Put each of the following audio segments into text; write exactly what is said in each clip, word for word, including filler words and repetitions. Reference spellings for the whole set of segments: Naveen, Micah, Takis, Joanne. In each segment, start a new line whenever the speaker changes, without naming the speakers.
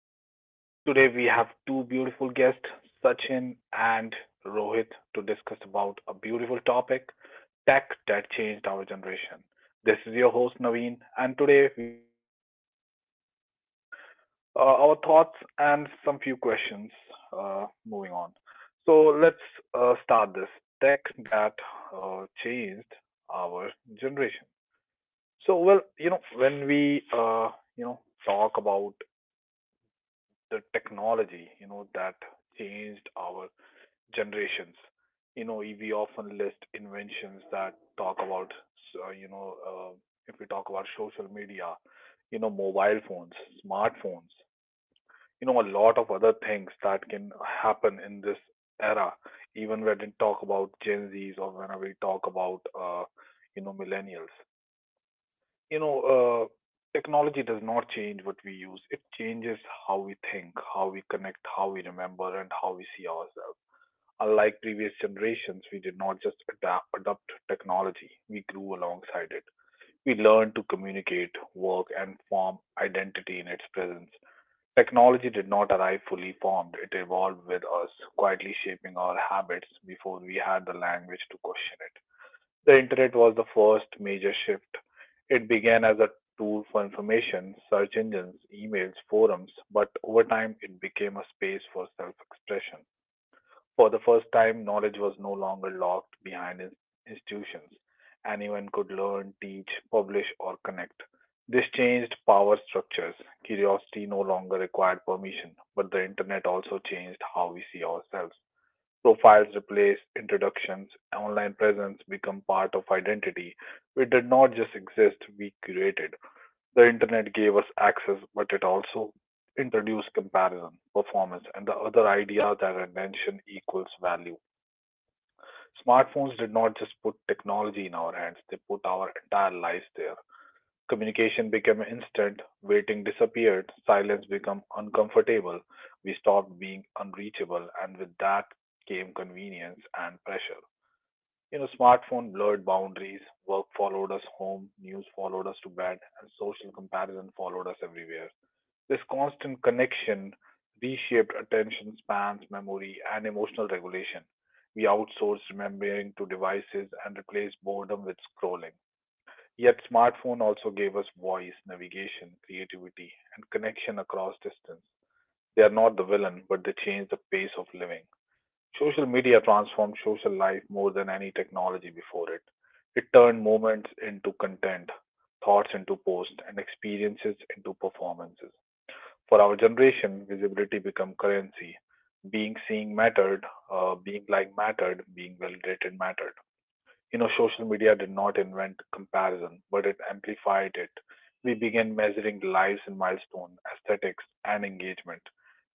podcast. Today we have two beautiful guests, Sachin and Rohit, to discuss about a beautiful topic, tech that changed our generation. This is your host Naveen, and today we all three going to discuss about this topic, uh, our thoughts, and some few questions. Uh, moving on, so let's uh, start this tech that uh, changed our generation. So, well, you know, when we, uh, you know, talk about the technology, you know, that changed our generations, you know, we often list inventions that talk about, uh, you know, uh, if we talk about social media, you know, mobile phones, smartphones, you know, a lot of other things that can happen in this era, even when we talk about Gen Zs or when we talk about, uh, you know, millennials you know, uh, technology does not change what we use. It changes how we think, how we connect, how we remember, and how we see ourselves. Unlike previous generations, we did not just adapt, adopt technology, we grew alongside it. We learned to communicate, work, and form identity in its presence. Technology did not arrive fully formed, it evolved with us, quietly shaping our habits before we had the language to question it. The internet was the first major shift. It began as a tool for information, search engines, emails, forums, but over time it became a space for self expression. For the first time, knowledge was no longer locked behind in- institutions. Anyone could learn, teach, publish, or connect. This changed power structures. Curiosity no longer required permission, but the internet also changed how we see ourselves. Profiles replace introductions, online presence become part of identity. We did not just exist, we curated. The internet gave us access, but it also introduced comparison, performance, and the other idea that attention equals value. Smartphones did not just put technology in our hands, they put our entire lives there. Communication became instant, waiting disappeared, silence became uncomfortable. We stopped being unreachable, and with that came convenience and pressure. You know, smartphone blurred boundaries, work followed us home, news followed us to bed, and social comparison followed us everywhere. This constant connection reshaped attention spans, memory, and emotional regulation. We outsourced remembering to devices and replaced boredom with scrolling. Yet, smartphone also gave us voice, navigation, creativity, and connection across distance. They are not the villain, but they change the pace of living. Social media transformed social life more than any technology before it. It turned moments into content, thoughts into posts, and experiences into performances. For our generation, visibility became currency. Being seen mattered, uh, being liked mattered, being validated mattered. You know, social media did not invent comparison, but it amplified it. We began measuring lives in milestone, aesthetics, and engagement.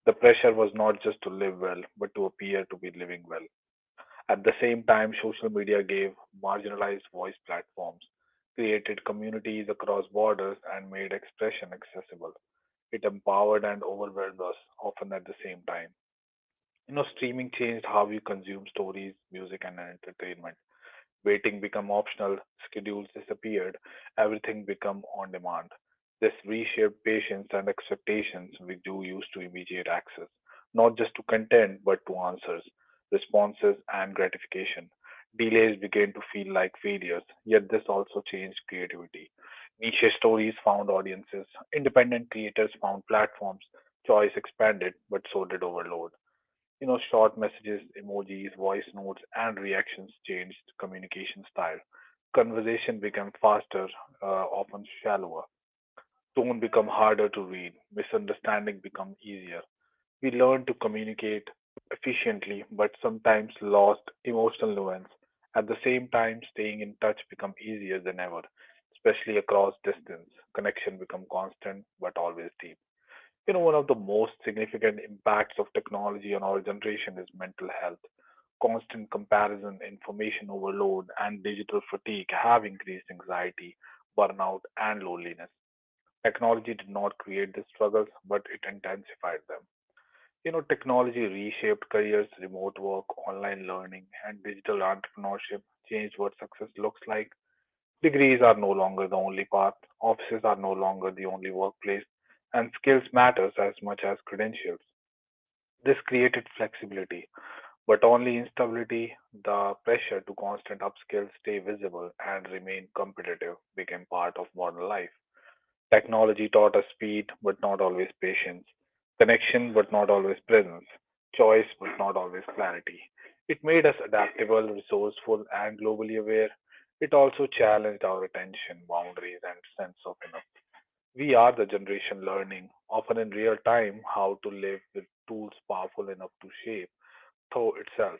The pressure was not just to live well, but to appear to be living well. At the same time, social media gave marginalized voice platforms, created communities across borders, and made expression accessible. It empowered and overwhelmed us, often at the same time. You know, streaming changed how we consume stories, music, and entertainment. Waiting became optional, schedules disappeared, everything became on demand. This reshaped patience and expectations we do use to immediate access, not just to content, but to answers, responses, and gratification. Delays began to feel like failures, yet this also changed creativity. Niche stories found audiences, independent creators found platforms, choice expanded, but so did overload you know, short messages, emojis, voice notes, and reactions changed communication style. Conversation became faster, uh, often shallower. Tone become harder to read. Misunderstanding become easier. We learned to communicate efficiently, but sometimes lost emotional nuance. At the same time, staying in touch become easier than ever, especially across distance. Connection become constant but always deep. You know, one of the most significant impacts of technology on our generation is mental health. Constant comparison, information overload, and digital fatigue have increased anxiety, burnout, and loneliness. Technology did not create these struggles, but it intensified them. You know, technology reshaped careers, remote work, online learning, and digital entrepreneurship changed what success looks like. Degrees are no longer the only path, offices are no longer the only workplace, and skills matters as much as credentials. This created flexibility, but only instability, the pressure to constant upskill, stay visible, and remain competitive became part of modern life. Technology taught us speed, but not always patience; connection, but not always presence; choice, but not always clarity. It made us adaptable, resourceful, and globally aware. It also challenged our attention, boundaries, and sense of enough. We are the generation learning, often in real time, how to live with tools powerful enough to shape thought itself.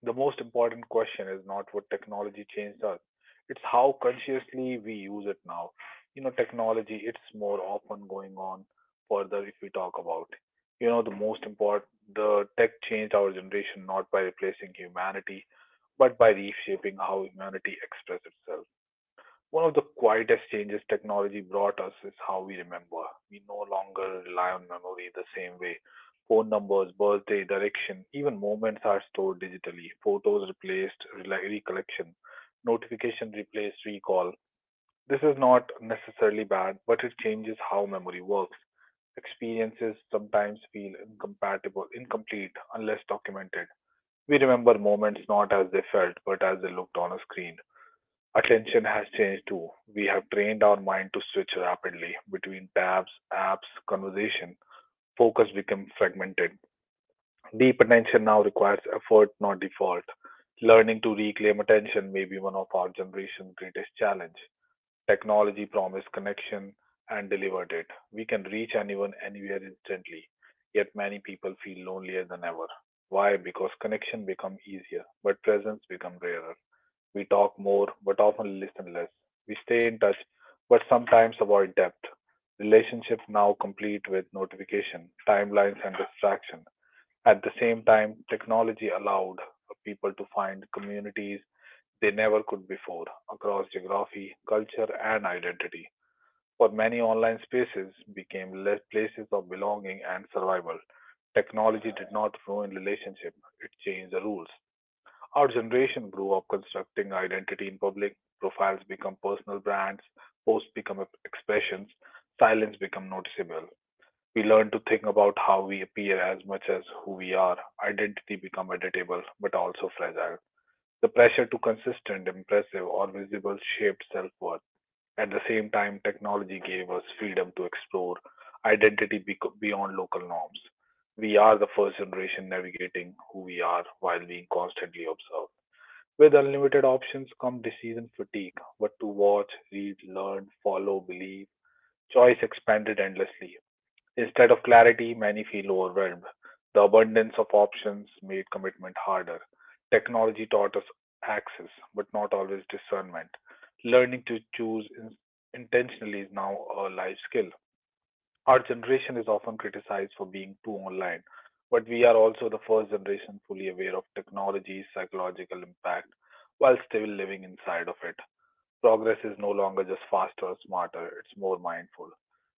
The most important question is not what technology changed us, it's how consciously we use it now. You know, technology, it's more often going on further if we talk about. You know, the most important, the tech changed our generation not by replacing humanity, but by reshaping how humanity expresses itself. One of the quietest changes technology brought us is how we remember. We no longer rely on memory the same way. Phone numbers, birthday, direction, even moments are stored digitally. Photos replaced rela- recollection, notification replaced recall. This is not necessarily bad, but it changes how memory works. Experiences sometimes feel incompatible, incomplete, unless documented. We remember moments not as they felt, but as they looked on a screen. Attention has changed too. We have trained our mind to switch rapidly between tabs, apps, conversation. Focus becomes fragmented. Deep attention now requires effort, not default. Learning to reclaim attention may be one of our generation's greatest challenge. Technology promised connection and delivered it. We can reach anyone anywhere instantly. Yet many people feel lonelier than ever. Why? Because connection become easier, but presence become rarer. We talk more but often listen less. We stay in touch but sometimes avoid depth. Relationships now complete with notification, timelines, and distraction. At the same time, technology allowed people to find communities they never could before across geography, culture, and identity. For many, online spaces became less places of belonging and survival. Technology did not ruin relationships, it changed the rules. Our generation grew up constructing identity in public. Profiles become personal brands, posts become ep- expressions, silence become noticeable. We learn to think about how we appear as much as who we are. Identity become editable but also fragile. The pressure to consistent, impressive or visible shaped self-worth. At the same time, technology gave us freedom to explore identity bec- beyond local norms. We are the first generation navigating who we are while being constantly observed. With unlimited options come decision fatigue. What to watch, read, learn, follow, believe. Choice expanded endlessly. Instead of clarity, many feel overwhelmed. The abundance of options made commitment harder. Technology taught us access, but not always discernment. Learning to choose in- intentionally is now a life skill. Our generation is often criticized for being too online, but we are also the first generation fully aware of technology's psychological impact while still living inside of it. Progress is no longer just faster or smarter, it's more mindful.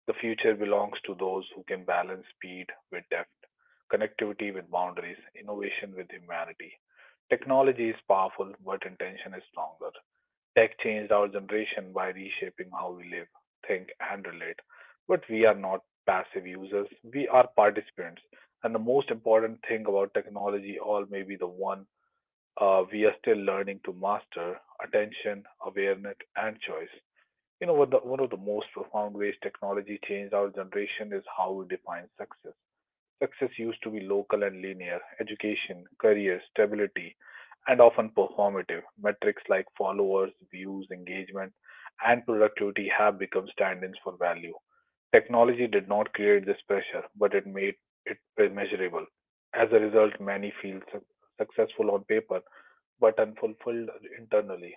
The future belongs to those who can balance speed with depth, connectivity with boundaries, innovation with humanity. Technology is powerful, but intention is stronger. Tech changed our generation by reshaping how we live, think, and relate. But we are not passive users, we are participants. And the most important thing about technology, all may be the one uh, we are still learning to master attention, awareness, and choice. You know, what the, one of the most profound ways technology changed our generation is how we define success. Success used to be local and linear education, career, stability, and often performative. Metrics like followers, views, engagement, and productivity have become stand ins for value. Technology did not create this pressure, but it made it measurable. As a result, many feel su- successful on paper but unfulfilled internally.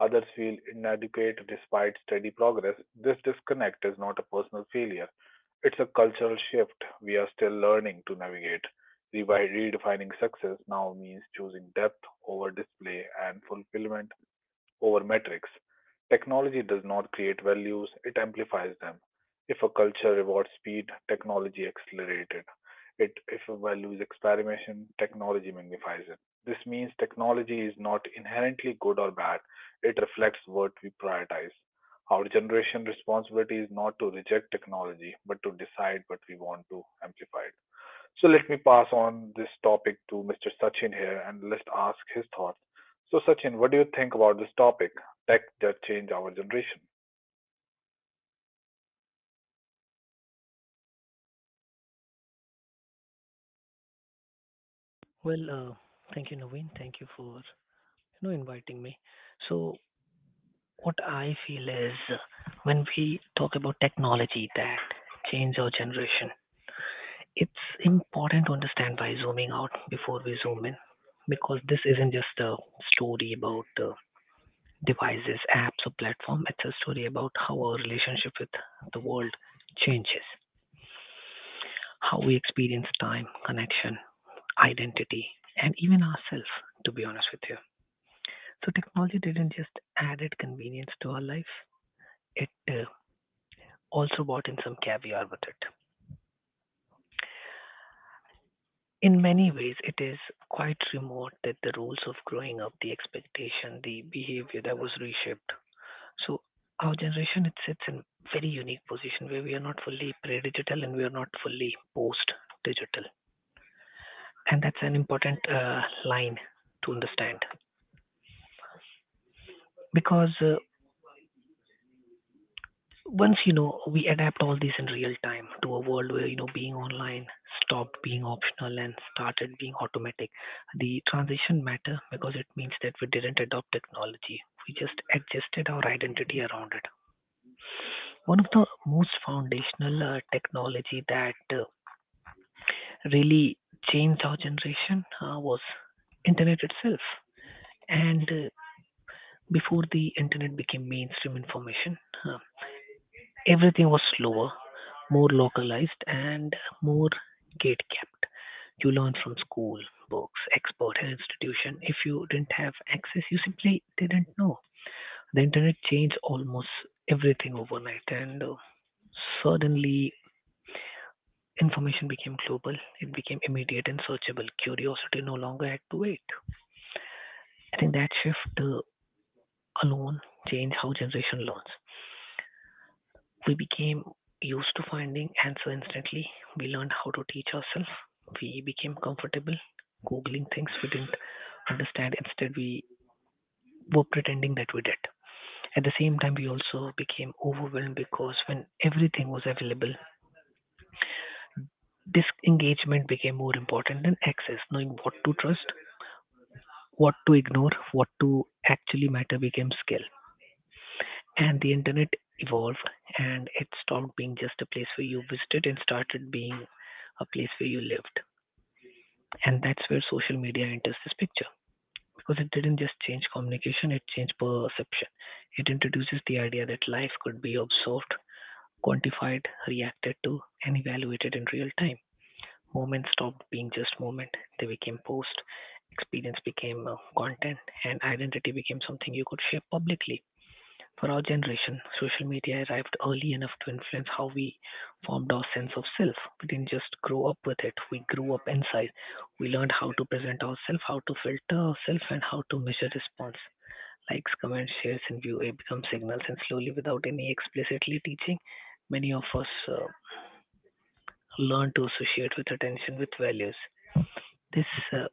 Others feel inadequate despite steady progress. This disconnect is not a personal failure, it's a cultural shift we are still learning to navigate. Revi- Redefining success now means choosing depth over display and fulfillment over metrics. Technology does not create values, it amplifies them. If a culture rewards speed, technology accelerates it. It- If a value is experimentation, technology magnifies it. This means technology is not inherently good or bad, it reflects what we prioritize. Our generation's responsibility is not to reject technology, but to decide what we want to amplify it. So let me pass on this topic to mister Sachin here and let's ask his thoughts. So Sachin, what do you think about this topic, tech that change our generation?
Well, uh, thank you, Naveen. Thank you for you know inviting me. So, what I feel is, uh, when we talk about technology that change our generation, it's important to understand by zooming out before we zoom in, because this isn't just a story about uh, devices, apps, or platform. It's a story about how our relationship with the world changes, how we experience time, connection, identity, and even ourselves. To be honest with you, so technology didn't just added convenience to our life, it uh, also brought in some caviar with it. In many ways, it is quite remote that the rules of growing up, the expectation, the behavior that was reshaped. So our generation it sits in very unique position where we are not fully pre-digital and we are not fully post-digital, and that's an important uh, line to understand, because uh, once you know we adapt all this in real time to a world where you know being online stopped being optional and started being automatic. The transition matter because it means that we didn't adopt technology, we just adjusted our identity around it. One of the most foundational uh, technology that uh, really changed our generation, uh, was internet itself. And uh, before the internet became mainstream information, uh, everything was slower, more localized, and more gate-kept. You learn from school, books, expert and institution. If you didn't have access, you simply didn't know. The internet changed almost everything overnight, and uh, suddenly information became global. It became immediate and searchable. Curiosity no longer had to wait. I think that shift uh, alone changed how generation learns. We became used to finding answer instantly. We learned how to teach ourselves. We became comfortable googling things we didn't understand. Instead, we were pretending that we did. At the same time, we also became overwhelmed, because when everything was available, disengagement became more important than access. Knowing what to trust, what to ignore, what to actually matter became skill. And the internet evolved, and it stopped being just a place where you visited and started being a place where you lived. And that's where social media enters this picture, because it didn't just change communication, it changed perception. It introduces the idea that life could be observed, quantified, reacted to, and evaluated in real time. Moments stopped being just moment, they became post, experience became uh, content, and identity became something you could share publicly. For our generation, social media arrived early enough to influence how we formed our sense of self. We didn't just grow up with it, we grew up inside. We learned how to present ourselves, how to filter ourselves, and how to measure response. Likes, comments, shares, and view it become signals, and slowly, without any explicitly teaching, many of us uh, learn to associate with attention with values. This uh,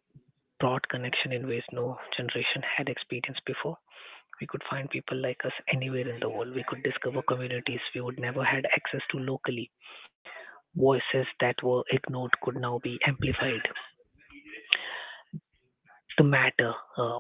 brought connection in ways no generation had experienced before. We could find people like us anywhere in the world. We could discover communities we would never had access to locally. Voices that were ignored could now be amplified. The matter uh,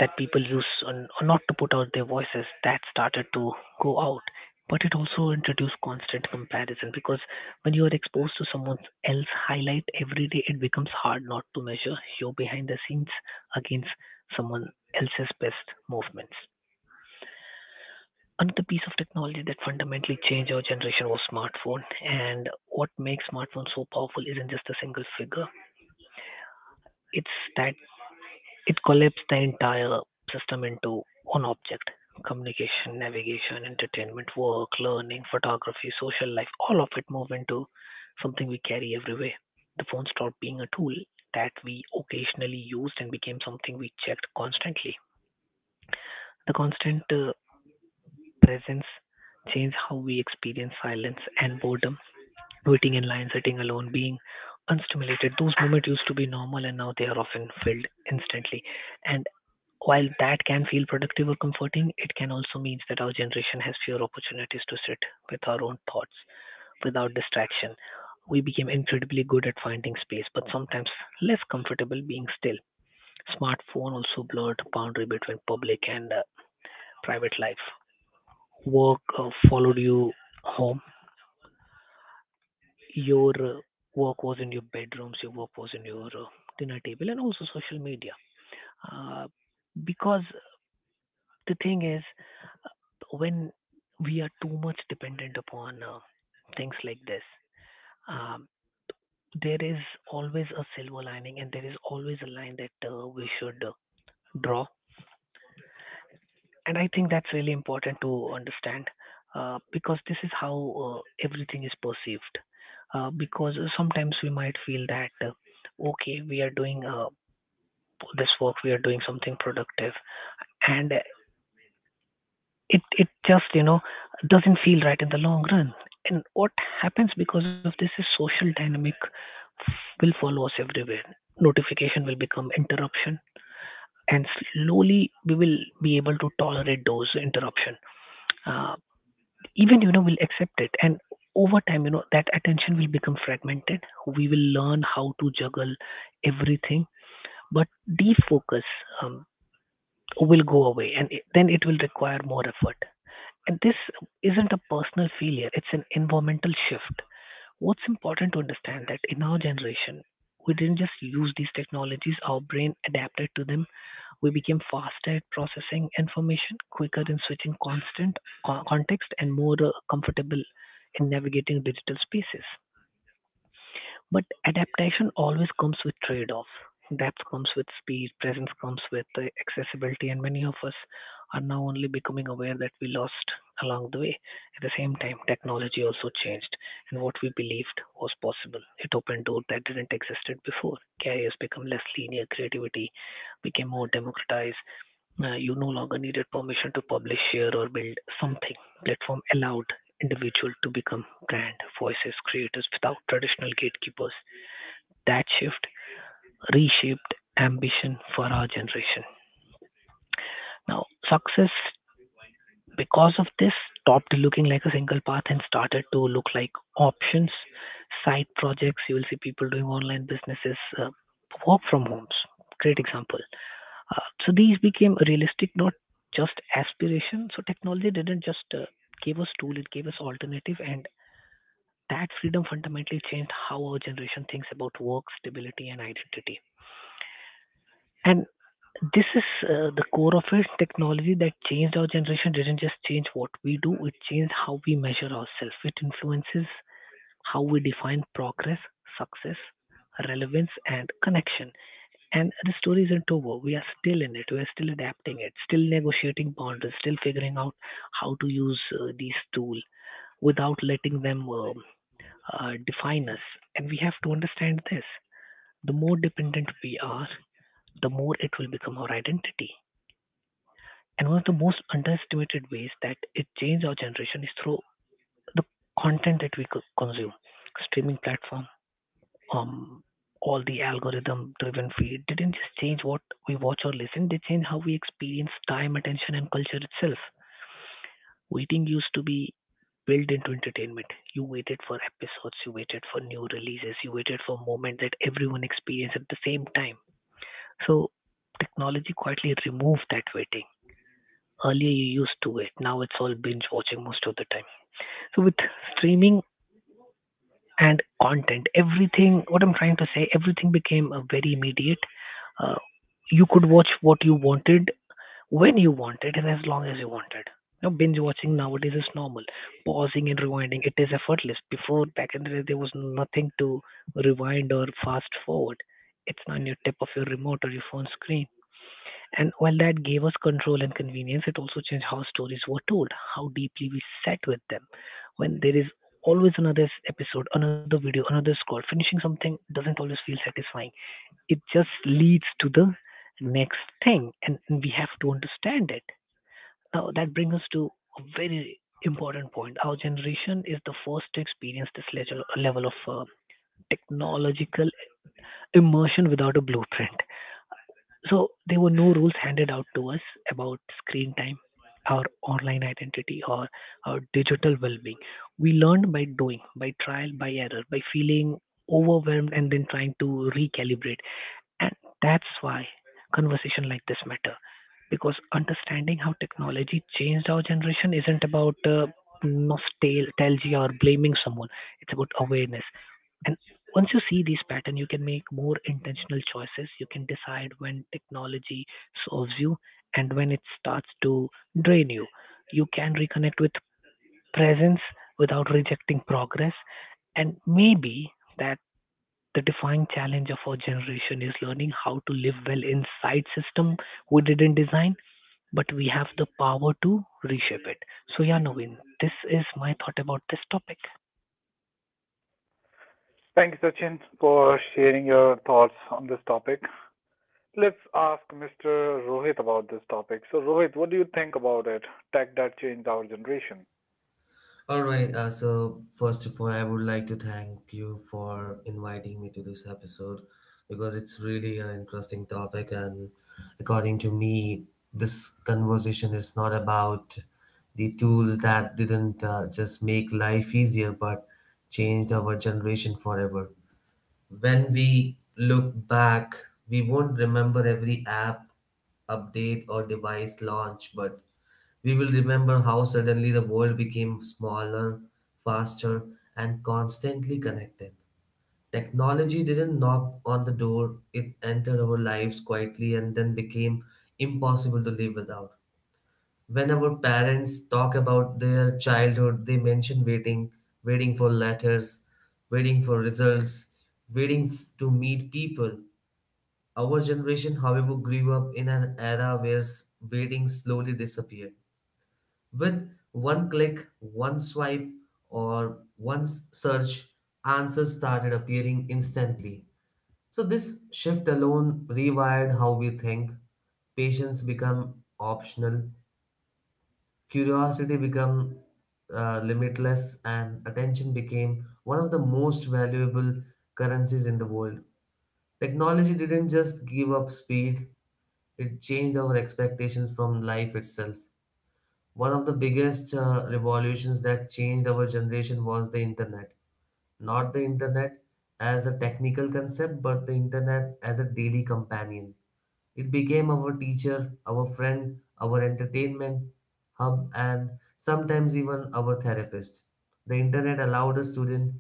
that people use on- not to put out their voices that started to go out. But it also introduced constant comparison, because when you are exposed to someone else highlight every day, it becomes hard not to measure your behind the scenes against someone else's best movements. Another piece of technology that fundamentally changed our generation was smartphone. And what makes smartphone so powerful isn't just a single figure. It's that it collapsed the entire system into one object. Communication, navigation, entertainment, work, learning, photography, social life, all of it moved into something we carry everywhere. The phone stopped being a tool that we occasionally used and became something we checked constantly. The constant uh, presence changed how we experience silence and boredom, waiting in line, sitting alone, being unstimulated. Those moments used to be normal and now they are often filled instantly. And while that can feel productive or comforting, it can also mean that our generation has fewer opportunities to sit with our own thoughts without distraction. We became incredibly good at finding space, but sometimes less comfortable being still. Smartphone also blurred the boundary between public and uh, private life. Work uh, followed you home. Your uh, work was in your bedrooms, your work was in your uh, dinner table, and also social media. Uh, because the thing is, when we are too much dependent upon uh, things like this, um, there is always a silver lining, and there is always a line that uh, we should uh, draw. And I think that's really important to understand, uh, because this is how uh, everything is perceived. Uh, because sometimes we might feel that, uh, okay, we are doing, uh, this work, we are doing something productive, and uh, it it just you know doesn't feel right in the long run. And what happens because of this is social dynamic will follow us everywhere. Notification will become interruption, and slowly we will be able to tolerate those interruption, uh, even you know we'll accept it. And over time, you know that attention will become fragmented, we will learn how to juggle everything, but defocus um, will go away, and it, then it will require more effort. And this isn't a personal failure, it's an environmental shift. What's important to understand that in our generation, we didn't just use these technologies, our brain adapted to them. We became faster at processing information, quicker in switching constant co- context, and more uh, comfortable in navigating digital spaces. But adaptation always comes with trade-offs. Depth comes with speed, presence comes with uh, accessibility, and many of us are now only becoming aware that we lost along the way. At the same time, technology also changed, and what we believed was possible. It opened doors that didn't existed before. Careers become less linear, creativity became more democratized. Uh, you no longer needed permission to publish, share, or build something. Platform allowed individual to become brand voices creators without traditional gatekeepers. That shift reshaped ambition for our generation. Now, success, because of this, stopped looking like a single path and started to look like options, side projects. You will see people doing online businesses, uh, work from homes. Great example. Uh, so these became realistic, not just aspiration. So technology didn't just uh, give us tool; it gave us alternative, and that freedom fundamentally changed how our generation thinks about work, stability, and identity. And this is uh, the core of it. Technology that changed our generation didn't just change what we do, it changed how we measure ourselves. It influences how we define progress, success, relevance, and connection. And the story isn't over. We are still in it. We are still adapting it, still negotiating boundaries, still figuring out how to use uh, these tools without letting them um uh, define us. And we have to understand this, the more dependent we are, the more it will become our identity. And one of the most underestimated ways that it changed our generation is through the content that we co- consume. Streaming platform, um, all the algorithm driven feed didn't just change what we watch or listen, they changed how we experience time, attention, and culture itself. Waiting used to be built into entertainment. You waited for episodes, you waited for new releases, you waited for a moment that everyone experienced at the same time. So technology quietly removed that waiting. Earlier you used to it. Now it's all binge watching most of the time. So with streaming and content, everything. What I'm trying to say, everything became uh, very immediate. Uh, you could watch what you wanted when you wanted and as long as you wanted. Now binge watching nowadays is normal. Pausing and rewinding, it is effortless. Before back in the day, there was nothing to rewind or fast forward. It's on your tip of your remote or your phone screen. And while that gave us control and convenience, it also changed how stories were told, how deeply we sat with them. When there is always another s- episode, another video, another scroll, finishing something doesn't always feel satisfying. It just leads to the next thing, and and we have to understand it. Now, that brings us to a very important point. Our generation is the first to experience this level level of uh, technological immersion without a blueprint. So there were no rules handed out to us about screen time, our online identity, or our digital well-being. We learned by doing, by trial, by error, by feeling overwhelmed and then trying to recalibrate. And that's why conversation like this matter, because understanding how technology changed our generation isn't about uh, nostalgia or blaming someone. It's about awareness. And once you see these pattern, you can make more intentional choices. You can decide when technology serves you and when it starts to drain you. You can reconnect with presence without rejecting progress. And maybe that the defining challenge of our generation is learning how to live well inside system we didn't design, but we have the power to reshape it. So yeah, Naveen, this is my thought about this topic.
Thank you, Sachin, for sharing your thoughts on this topic. Let's ask mister Rohit about this topic. So Rohit, what do you think about it, tech that changed our generation?
All right. Uh, so first of all, I would like to thank you for inviting me to this episode because it's really an interesting topic, and according to me, this conversation is not about the tools that didn't uh, just make life easier but changed our generation forever. When we look back, we won't remember every app update or device launch, but we will remember how suddenly the world became smaller, faster, and constantly connected. Technology didn't knock on the door, it entered our lives quietly and then became impossible to live without. When our parents talk about their childhood, they mention waiting, waiting for letters, waiting for results, waiting f- to meet people. Our generation, however, grew up in an era where s- waiting slowly disappeared. With one click, one swipe, or one s- search, answers started appearing instantly. So this shift alone rewired how we think. Patience become optional. Curiosity became uh, limitless, and attention became one of the most valuable currencies in the world. Technology didn't just give up speed, it changed our expectations from life itself. One of the biggest uh, revolutions that changed our generation was the internet. Not the internet as a technical concept, but the internet as a daily companion. It became our teacher, our friend, our entertainment hub, and sometimes even our therapist. The internet allowed a student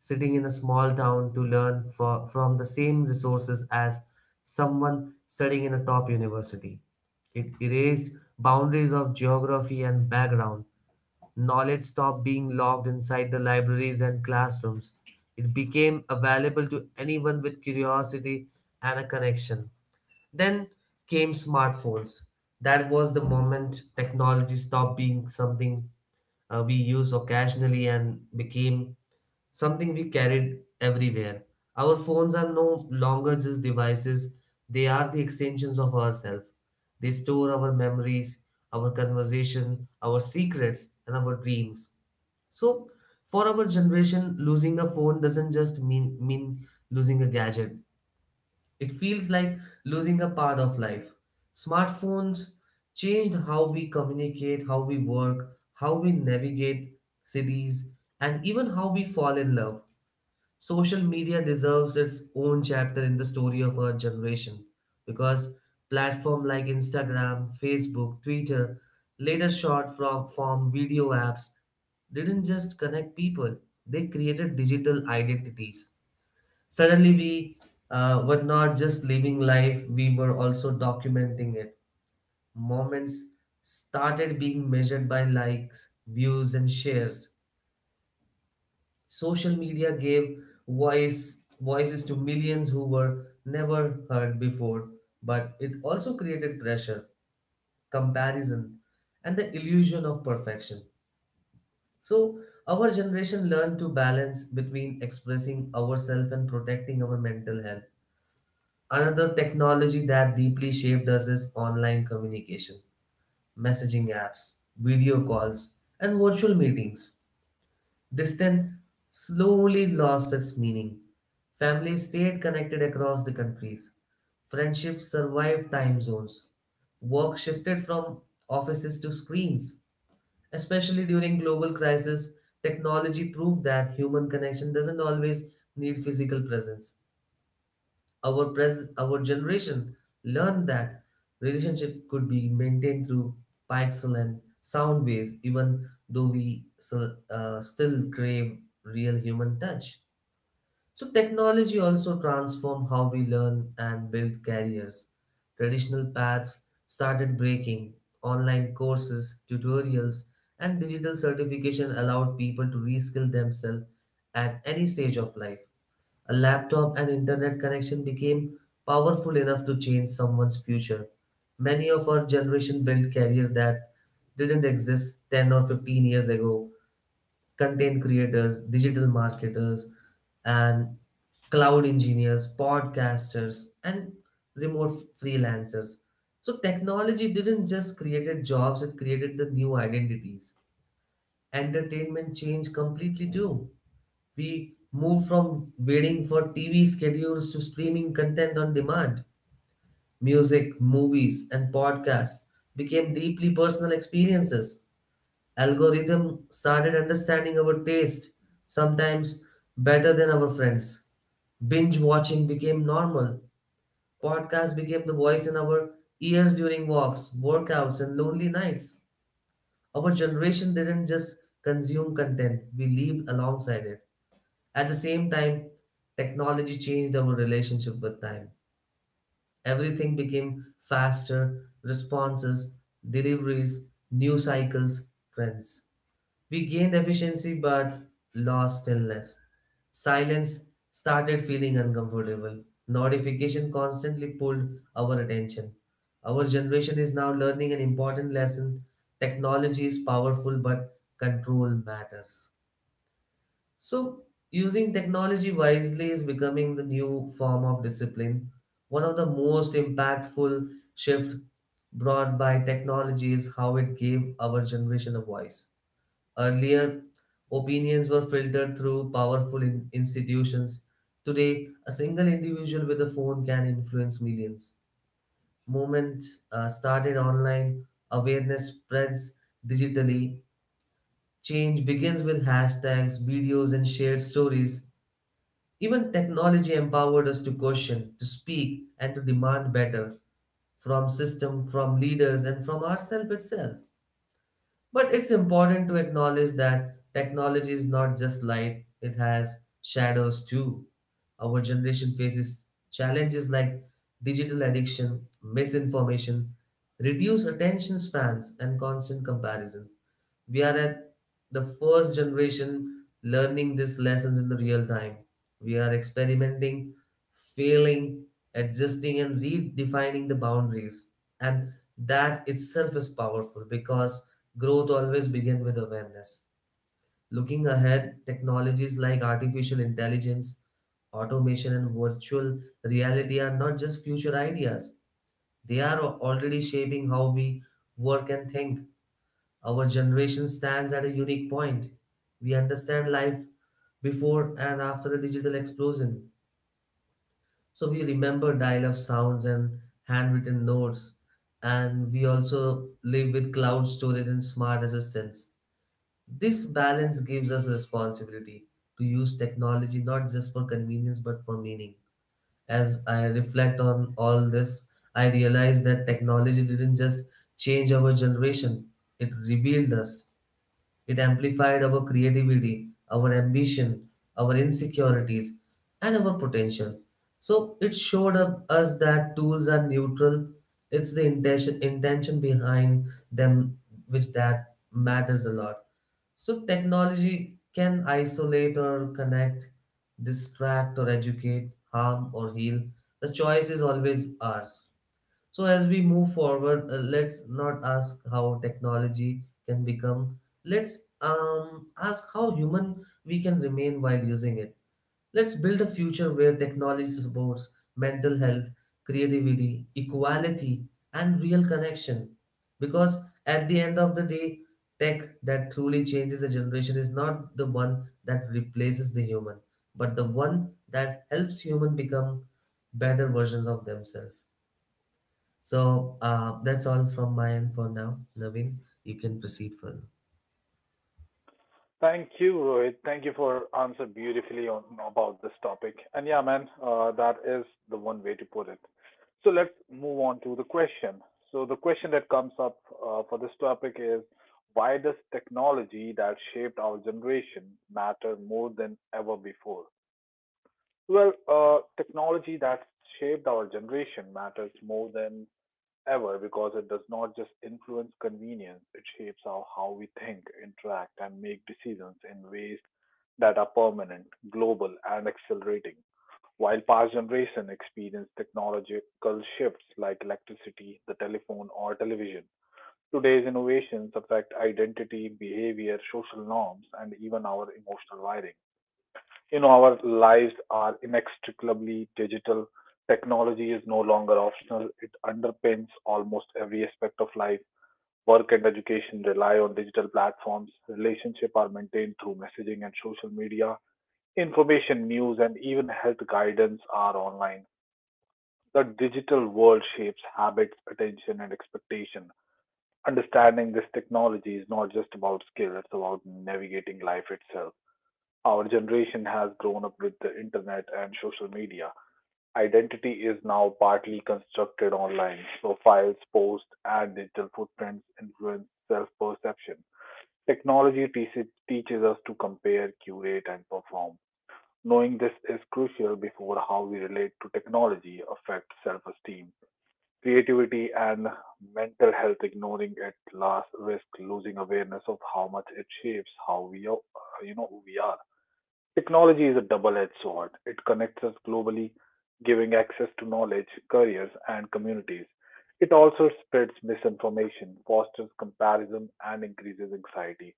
sitting in a small town to learn for, from the same resources as someone studying in a top university. It erased boundaries of geography and background. Knowledge stopped being locked inside the libraries and classrooms. It became available to anyone with curiosity and a connection. Then came smartphones. That was the moment technology stopped being something uh, we use occasionally and became something we carried everywhere. Our phones are no longer just devices, they are the extensions of ourselves. They store our memories, our conversation, our secrets, and our dreams. So, for our generation, losing a phone doesn't just mean, mean losing a gadget, it feels like losing a part of life. Smartphones changed how we communicate, how we work, how we navigate cities, and even how we fall in love. Social media deserves its own chapter in the story of our generation because platforms like Instagram, Facebook, Twitter, later short from form video apps, didn't just connect people, they created digital identities. Suddenly, we uh, were not just living life, we were also documenting it. Moments started being measured by likes, views, and shares. Social media gave voice voices to millions who were never heard before, but it also created pressure, comparison, and the illusion of perfection. So, our generation learned to balance between expressing ourselves and protecting our mental health. Another technology that deeply shaped us is online communication, messaging apps, video calls, and virtual meetings. Distance slowly lost its meaning. Families stayed connected across the countries. Friendships survived time zones. Work shifted from offices to screens. Especially during global crisis, technology proved that human connection doesn't always need physical presence. Our pres- our generation learned that relationship could be maintained through pixel and sound waves, even though we so, uh, still crave real human touch. So technology also transformed how we learn and build careers. Traditional paths started breaking. Online courses, tutorials, and digital certification allowed people to reskill themselves at any stage of life. A laptop and internet connection became powerful enough to change someone's future. Many of our generation built careers that didn't exist ten or fifteen years ago. Content creators, digital marketers, and cloud engineers, podcasters, and remote freelancers. So technology didn't just created jobs, it created the new identities. Entertainment changed completely too. We move from waiting for T V schedules to streaming content on demand. Music, movies, and podcasts became deeply personal experiences. Algorithm started understanding our taste, sometimes better than our friends. Binge watching became normal. Podcasts became the voice in our ears during walks, workouts, and lonely nights. Our generation didn't just consume content, we lived alongside it. At the same time, technology changed our relationship with time. Everything became faster, responses, deliveries, news cycles, trends. We gained efficiency but lost stillness. Silence started feeling uncomfortable. Notification constantly pulled our attention. Our generation is now learning an important lesson. Technology is powerful, but control matters. So, using technology wisely is becoming the new form of discipline. One of the most impactful shift brought by technology is how it gave our generation a voice. Earlier, opinions were filtered through powerful in- institutions. Today, a single individual with a phone can influence millions. Movements uh, started online, awareness spreads digitally. Change begins with hashtags, videos, and shared stories. Even technology empowered us to question, to speak, and to demand better from system, from leaders, and from ourselves itself. But it's important to acknowledge that technology is not just light, it has shadows too. Our generation faces challenges like digital addiction, misinformation, reduced attention spans, and constant comparison. We are at the first generation learning these lessons in the real time. We are experimenting, failing, adjusting, and redefining the boundaries. And that itself is powerful because growth always begins with awareness. Looking ahead, technologies like artificial intelligence, automation, and virtual reality are not just future ideas, they are already shaping how we work and think. Our generation stands at a unique point. We understand life before and after the digital explosion. So we remember dial up sounds and handwritten notes, and we also live with cloud storage and smart assistants. This balance gives us responsibility to use technology not just for convenience but for meaning. As I reflect on all this, I realize that technology didn't just change our generation, it revealed us. It amplified our creativity, our ambition, our insecurities, and our potential. So it showed up us that tools are neutral. It's the intention intention behind them which that matters a lot. So technology can isolate or connect, distract or educate, harm or heal. The choice is always ours. So, as we move forward, uh, let's not ask how technology can become, let's um, ask how human we can remain while using it. Let's build a future where technology supports mental health, creativity, equality, and real connection. Because at the end of the day, tech that truly changes a generation is not the one that replaces the human, but the one that helps human become better versions of themselves. So uh, that's all from my end for now. Naveen, you can proceed further.
Thank you, Rohit. Thank you for answer beautifully on about this topic. And yeah, man, uh, that is the one way to put it. So let's move on to the question. So the question that comes up uh, for this topic is, why does technology that shaped our generation matter more than ever before? Well, uh, technology that shaped our generation matters more than ever because it does not just influence convenience, it shapes how, how we think, interact, and make decisions in ways that are permanent, global, and accelerating. While past generations experienced technological shifts like electricity, the telephone, or television, today's innovations affect identity, behavior, social norms, and even our emotional wiring. You know, our lives are inextricably digital. Technology is no longer optional. It underpins almost every aspect of life. Work and education rely on digital platforms. Relationships are maintained through messaging and social media. Information, news, and even health guidance are online. The digital world shapes habits, attention, and expectation. Understanding this technology is not just about skill, it's about navigating life itself. Our generation has grown up with the internet and social media. Identity is now partly constructed online. Profiles, posts, and digital footprints influence self perception. Technology teaches, teaches us to compare, curate, and perform. Knowing this is crucial before how we relate to technology affects self esteem, creativity, and mental health. Ignoring it last risk losing awareness of how much it shapes how we are, you know, who we are. Technology is a double-edged sword. It connects us globally, giving access to knowledge, careers, and communities. It also spreads misinformation, fosters comparison, and increases anxiety.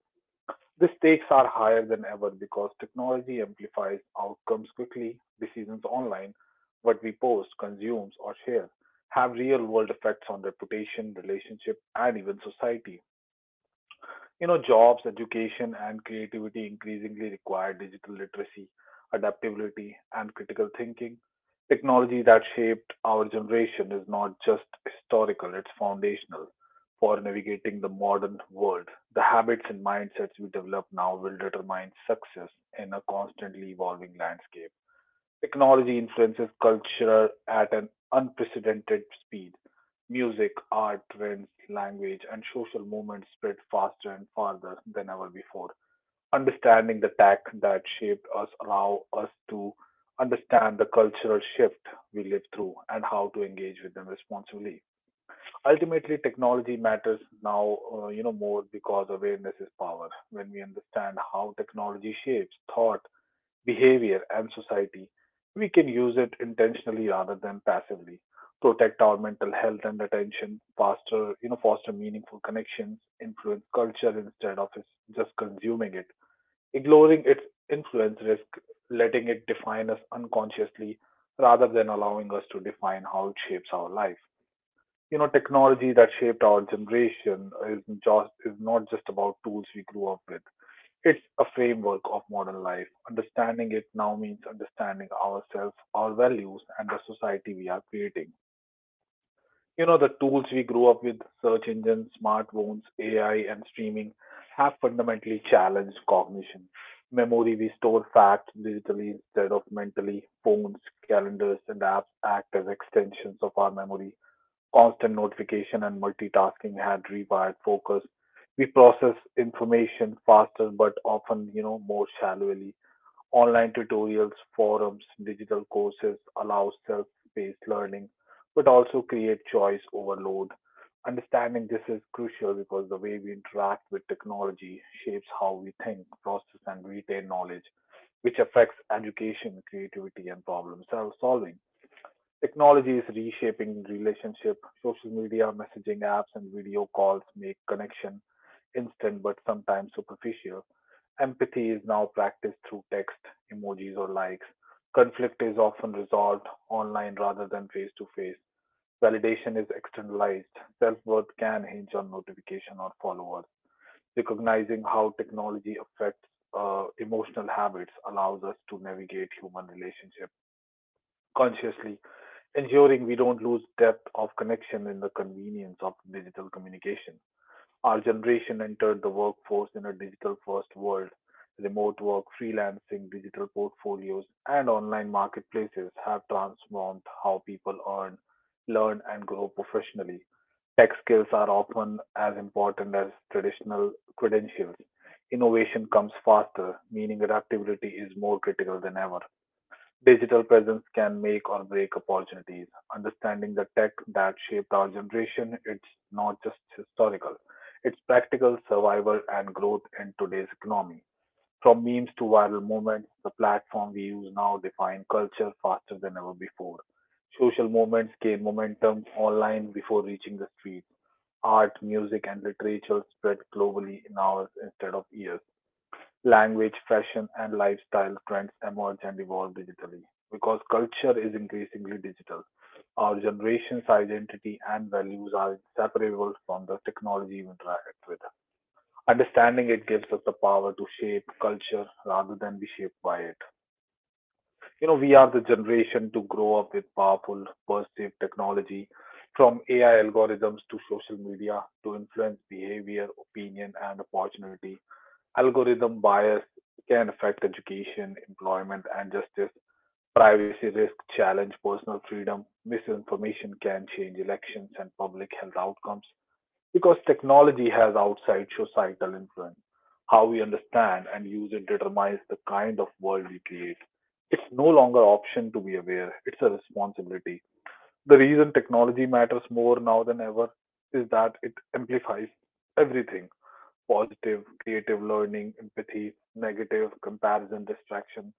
The stakes are higher than ever because technology amplifies outcomes quickly. Decisions online, what we post, consumes, or share have real world effects on reputation, relationship, and even society. You know, jobs, education, and creativity increasingly require digital literacy, adaptability, and critical thinking. Technology that shaped our generation is not just historical, it's foundational for navigating the modern world. The habits and mindsets we develop now will determine success in a constantly evolving landscape. Technology influences culture at an unprecedented speed. Music, art, trends, language, and social movements spread faster and farther than ever before. Understanding the tech that shaped us allow us to understand the cultural shift we live through and how to engage with them responsibly. Ultimately, technology matters now, uh, you know, more because awareness is power. When we understand how technology shapes thought, behavior, and society, we can use it intentionally rather than passively. Protect our mental health and attention, foster, you know, foster meaningful connections, influence culture instead of is- just consuming it. Ignoring its influence risk letting it define us unconsciously rather than allowing us to define how it shapes our life. You know, technology that shaped our generation is just is not just about tools we grew up with, it's a framework of modern life. Understanding it now means understanding ourselves, our values, and the society we are creating. You know, the tools we grew up with, search engines, smartphones, A I, and streaming, have fundamentally challenged cognition. Memory, we store facts digitally instead of mentally. Phones, calendars, and apps act as extensions of our memory. Constant notification and multitasking had rewired focus. We process information faster, but often, you know, more shallowly. Online tutorials, forums, digital courses allow self-paced learning, but also create choice overload. Understanding this is crucial because the way we interact with technology shapes how we think, process, and retain knowledge, which affects education, creativity, and problem solving. Technology is reshaping relationships. Social media, messaging apps, and video calls make connection instant but sometimes superficial. Empathy is now practiced through text, emojis, or likes. Conflict is often resolved online rather than face to face. Validation is externalized. Self worth can hinge on notification or followers. Recognizing how technology affects uh, emotional habits allows us to navigate human relationships consciously, ensuring we don't lose depth of connection in the convenience of digital communication. Our generation entered the workforce in a digital first world. Remote work, freelancing, digital portfolios, and online marketplaces have transformed how people earn, learn, and grow professionally. Tech skills are often as important as traditional credentials. Innovation comes faster, meaning adaptability is more critical than ever. Digital presence can make or break opportunities. Understanding the tech that shaped our generation, it's not just historical, it's practical survival and growth in today's economy. From memes to viral movements, the platform we use now define culture faster than ever before. Social movements gain momentum online before reaching the streets. Art, music, and literature spread globally in hours instead of years. Language, fashion, and lifestyle trends emerge and evolve digitally. Because culture is increasingly digital, our generation's identity and values are inseparable from the technology we interact with. Understanding it gives us the power to shape culture rather than be shaped by it. You know, we are the generation to grow up with powerful, perceived technology, from A I algorithms to social media, to influence behavior, opinion, and opportunity. Algorithm bias can affect education, employment and justice. Privacy risk challenge personal freedom. Misinformation can change elections and public health outcomes because technology has outside societal influence. How we understand and use it determines the kind of world we create. It's no longer an option to be aware, it's a responsibility. The reason technology matters more now than ever is that it amplifies everything. Positive, creative learning, empathy; negative, comparison, distraction.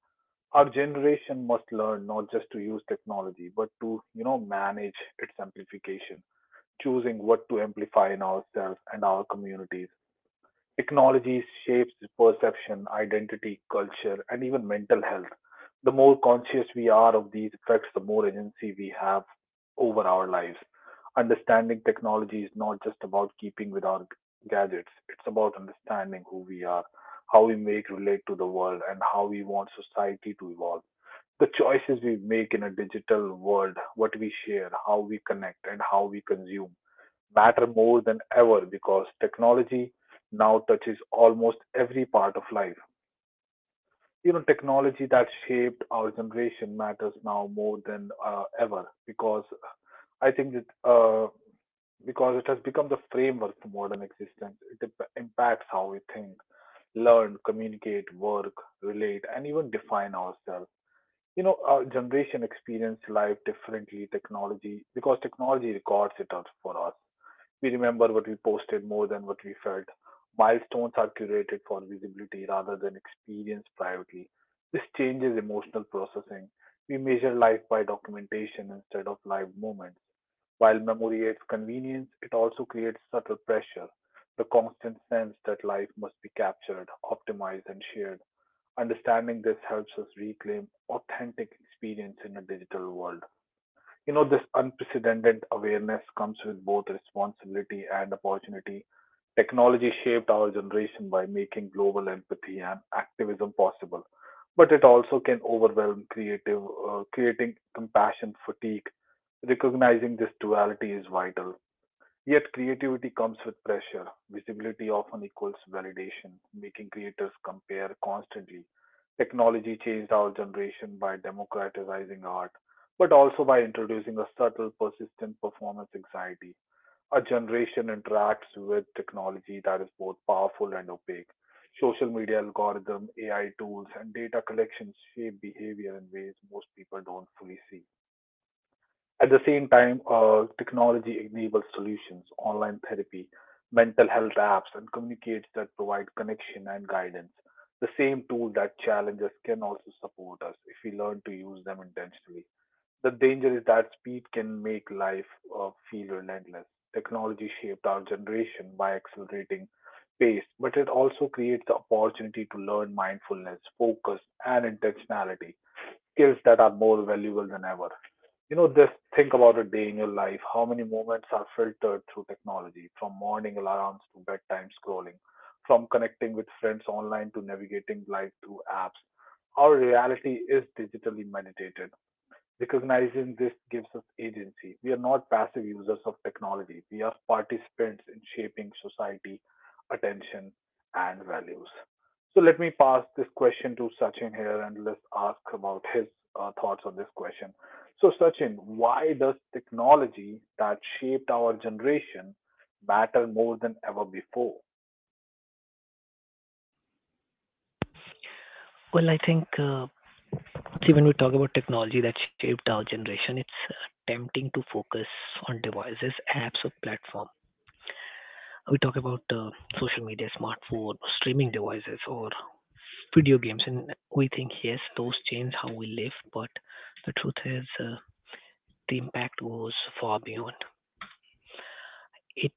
Our generation must learn not just to use technology, but to, you know, manage its amplification, choosing what to amplify in ourselves and our communities. Technology shapes perception, identity, culture, and even mental health. The more conscious we are of these effects, the more agency we have over our lives. Understanding technology is not just about keeping with our gadgets, it's about understanding who we are, how we make relate to the world, and how we want society to evolve. The choices we make in a digital world, what we share, how we connect, and how we consume matter more than ever because technology now touches almost every part of life. You know, technology that shaped our generation matters now more than uh, ever because I think that uh, because it has become the framework for modern existence. It impacts how we think, learn, communicate, work, relate, and even define ourselves. You know, our generation experience life differently. Technology because technology records it out for us. We remember what we posted more than what we felt. Milestones are curated for visibility rather than experienced privately. This changes emotional processing. We measure life by documentation instead of live moments. While memory adds convenience, it also creates subtle pressure, the constant sense that life must be captured, optimized, and shared. Understanding this helps us reclaim authentic experience in a digital world. You know, this unprecedented awareness comes with both responsibility and opportunity. Technology shaped our generation by making global empathy and activism possible, but it also can overwhelm creative, uh, creating compassion fatigue. Recognizing this duality is vital. Yet creativity comes with pressure. Visibility often equals validation, making creators compare constantly. Technology changed our generation by democratizing art, but also by introducing a subtle, persistent performance anxiety. Our generation interacts with technology that is both powerful and opaque. Social media algorithms, A I tools, and data collections shape behavior in ways most people don't fully see. At the same time, uh, technology enables solutions, online therapy, mental health apps, and communicates that provide connection and guidance. The same tool that challenges can also support us if we learn to use them intentionally. The danger is that speed can make life uh, feel relentless. Technology shaped our generation by accelerating pace, but it also creates the opportunity to learn mindfulness, focus, and intentionality, skills that are more valuable than ever. You know, just think about a day in your life. How many moments are filtered through technology, from morning alarms to bedtime scrolling, from connecting with friends online to navigating life through apps? Our reality is digitally meditated. Recognizing this gives us agency. We are not passive users of technology. We are participants in shaping society, attention, and values. So let me pass this question to Sachin here and let's ask about his uh, thoughts on this question. So, Sachin, why does technology that shaped our generation matter more than ever before?
Well, I think uh, see, when we talk about technology that shaped our generation, it's uh, tempting to focus on devices, apps, or platform. We talk about uh, social media, smartphone, streaming devices, or video games, and we think yes, those change how we live, but the truth is. Uh, the impact goes far beyond. It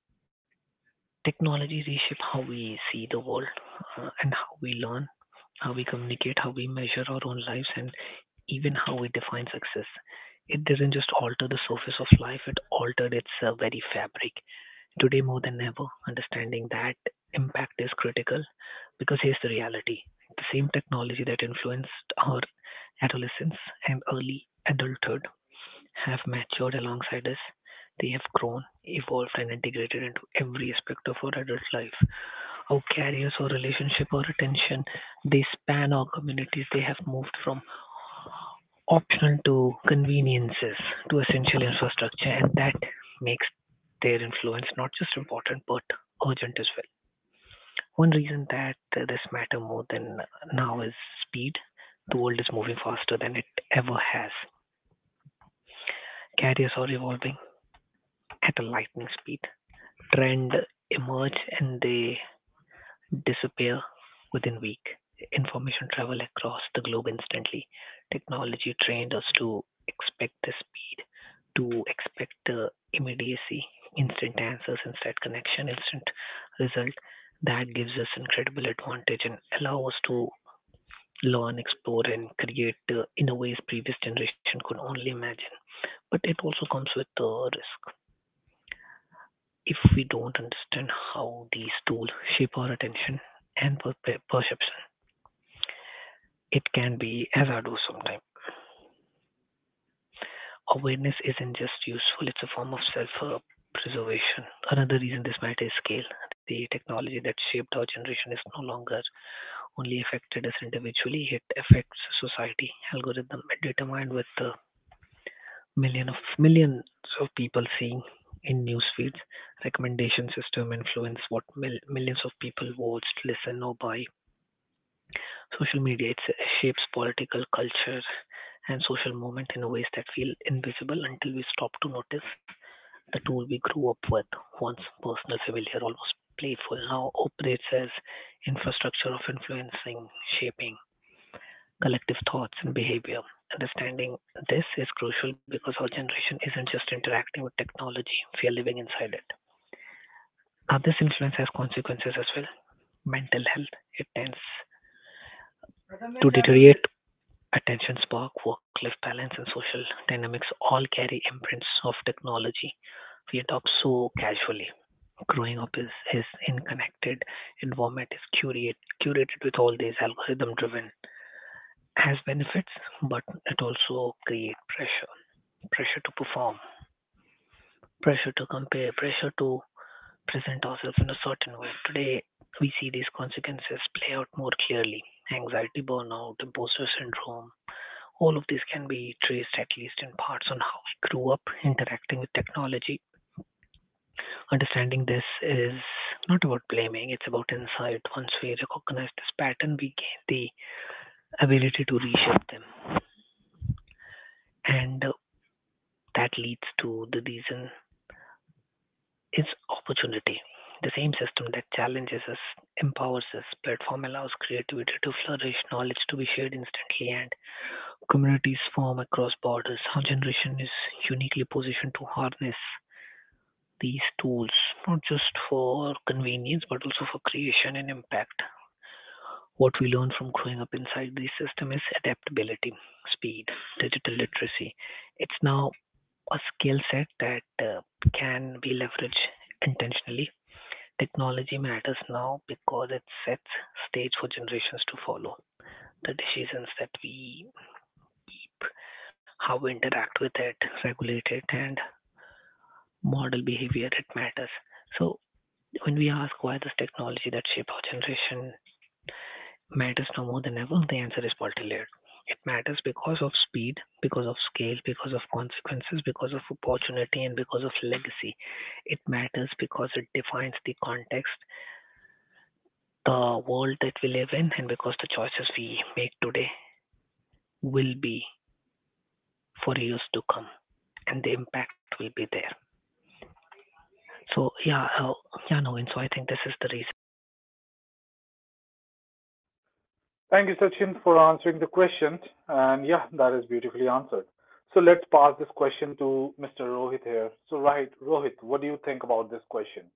technology reshapes how we see the world uh, and how we learn, how we communicate, how we measure our own lives, and even how we define success. It didn't just alter the surface of life; it altered its uh, very fabric. Today, more than ever, understanding that impact is critical because here's the reality: the same technology that influenced our adolescence and early adulthood have matured alongside us. They have grown, evolved, and integrated into every aspect of our adult life. Our careers, our relationship, our attention, they span our communities. They have moved from optional to conveniences to essential infrastructure, and that makes their influence not just important but urgent as well. One reason that uh, this matter more than now is speed. The world is moving faster than it ever has. Carriers are evolving at a lightning speed. Trend emerge and they disappear within week. Information travel across the globe instantly. Technology trained us to expect the speed, to expect the immediacy, instant answers, instant connection, instant result. That gives us incredible advantage and allow us to learn, explore, and create uh, in a ways previous generation could only imagine. But it also comes with uh, risk. If we don't understand how these tools shape our attention and per- per- perception, it can be hazardous sometimes. Awareness isn't just useful, it's a form of self uh, preservation. Another reason this matter is scale. The technology that shaped our generation is no longer only affected us individually, it affects society. Algorithm determined with the million of millions of people seeing in news feeds. Recommendation system influence what mil- millions of people watched, listen or buy. Social media it shapes political culture and social movement in ways that feel invisible until we stop to notice. The tool we grew up with, once personal, familiar, almost playful, now operates as infrastructure of influencing, shaping collective thoughts and behavior. Understanding this is crucial because our generation isn't just interacting with technology, we are living inside it. Now, this influence has consequences as well. Mental health, it tends to deteriorate. Attention spark, work-life balance, and social dynamics all carry imprints of technology we adopt so casually. Growing up is, is in connected environment is curated, curated with all these algorithm driven has benefits, but it also creates pressure, pressure to perform, pressure to compare, pressure to present ourselves in a certain way. Today, we see these consequences play out more clearly. Anxiety, burnout, imposter syndrome, all of this can be traced at least in parts on how I grew up interacting with technology. Understanding this is not about blaming, it's about insight. Once we recognize this pattern, we gain the ability to reshape them, and uh, that leads to the reason is opportunity. The same system that challenges us empowers us. Platform allows creativity to flourish, knowledge to be shared instantly, and communities form across borders. Our generation is uniquely positioned to harness these tools, not just for convenience, but also for creation and impact. What we learn from growing up inside the system is adaptability, speed, digital literacy. It's now a skill set that uh, can be leveraged intentionally. Technology matters now because it sets stage for generations to follow. The decisions that we, how we interact with it, regulate it, and model behavior, it matters. So when we ask why this technology that shape our generation matters now more than ever, the answer is multi-layered. It matters because of speed, because of scale, because of consequences, because of opportunity, and because of legacy. It matters because it defines the context, the world that we live in, and because the choices we make today will be for years to come, and the impact will be there. So yeah, uh, yeah, no, and so I think this is the reason.
Thank you, Sachin, for answering the question. And yeah, that is beautifully answered. So let's pass this question to mister Rohit here. So right, Rohit, what do you think about this question?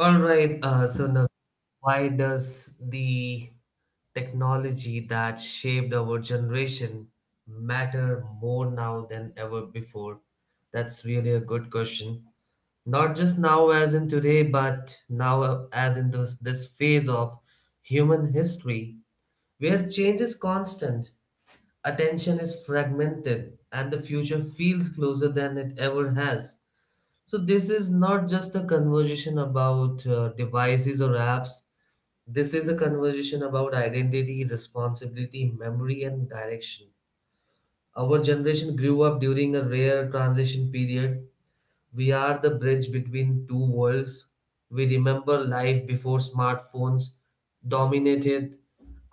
All right. Uh, so Naveen, why does the technology that shaped our generation matter more now than ever before? That's really a good question. Not just now, as in today, but now, as in this, this phase of human history, where change is constant, attention is fragmented and the future feels closer than it ever has. So, this is not just a conversation about uh, devices or apps. This is a conversation about identity, responsibility, memory, and direction. Our generation grew up during a rare transition period. We are the bridge between two worlds. We remember life before smartphones dominated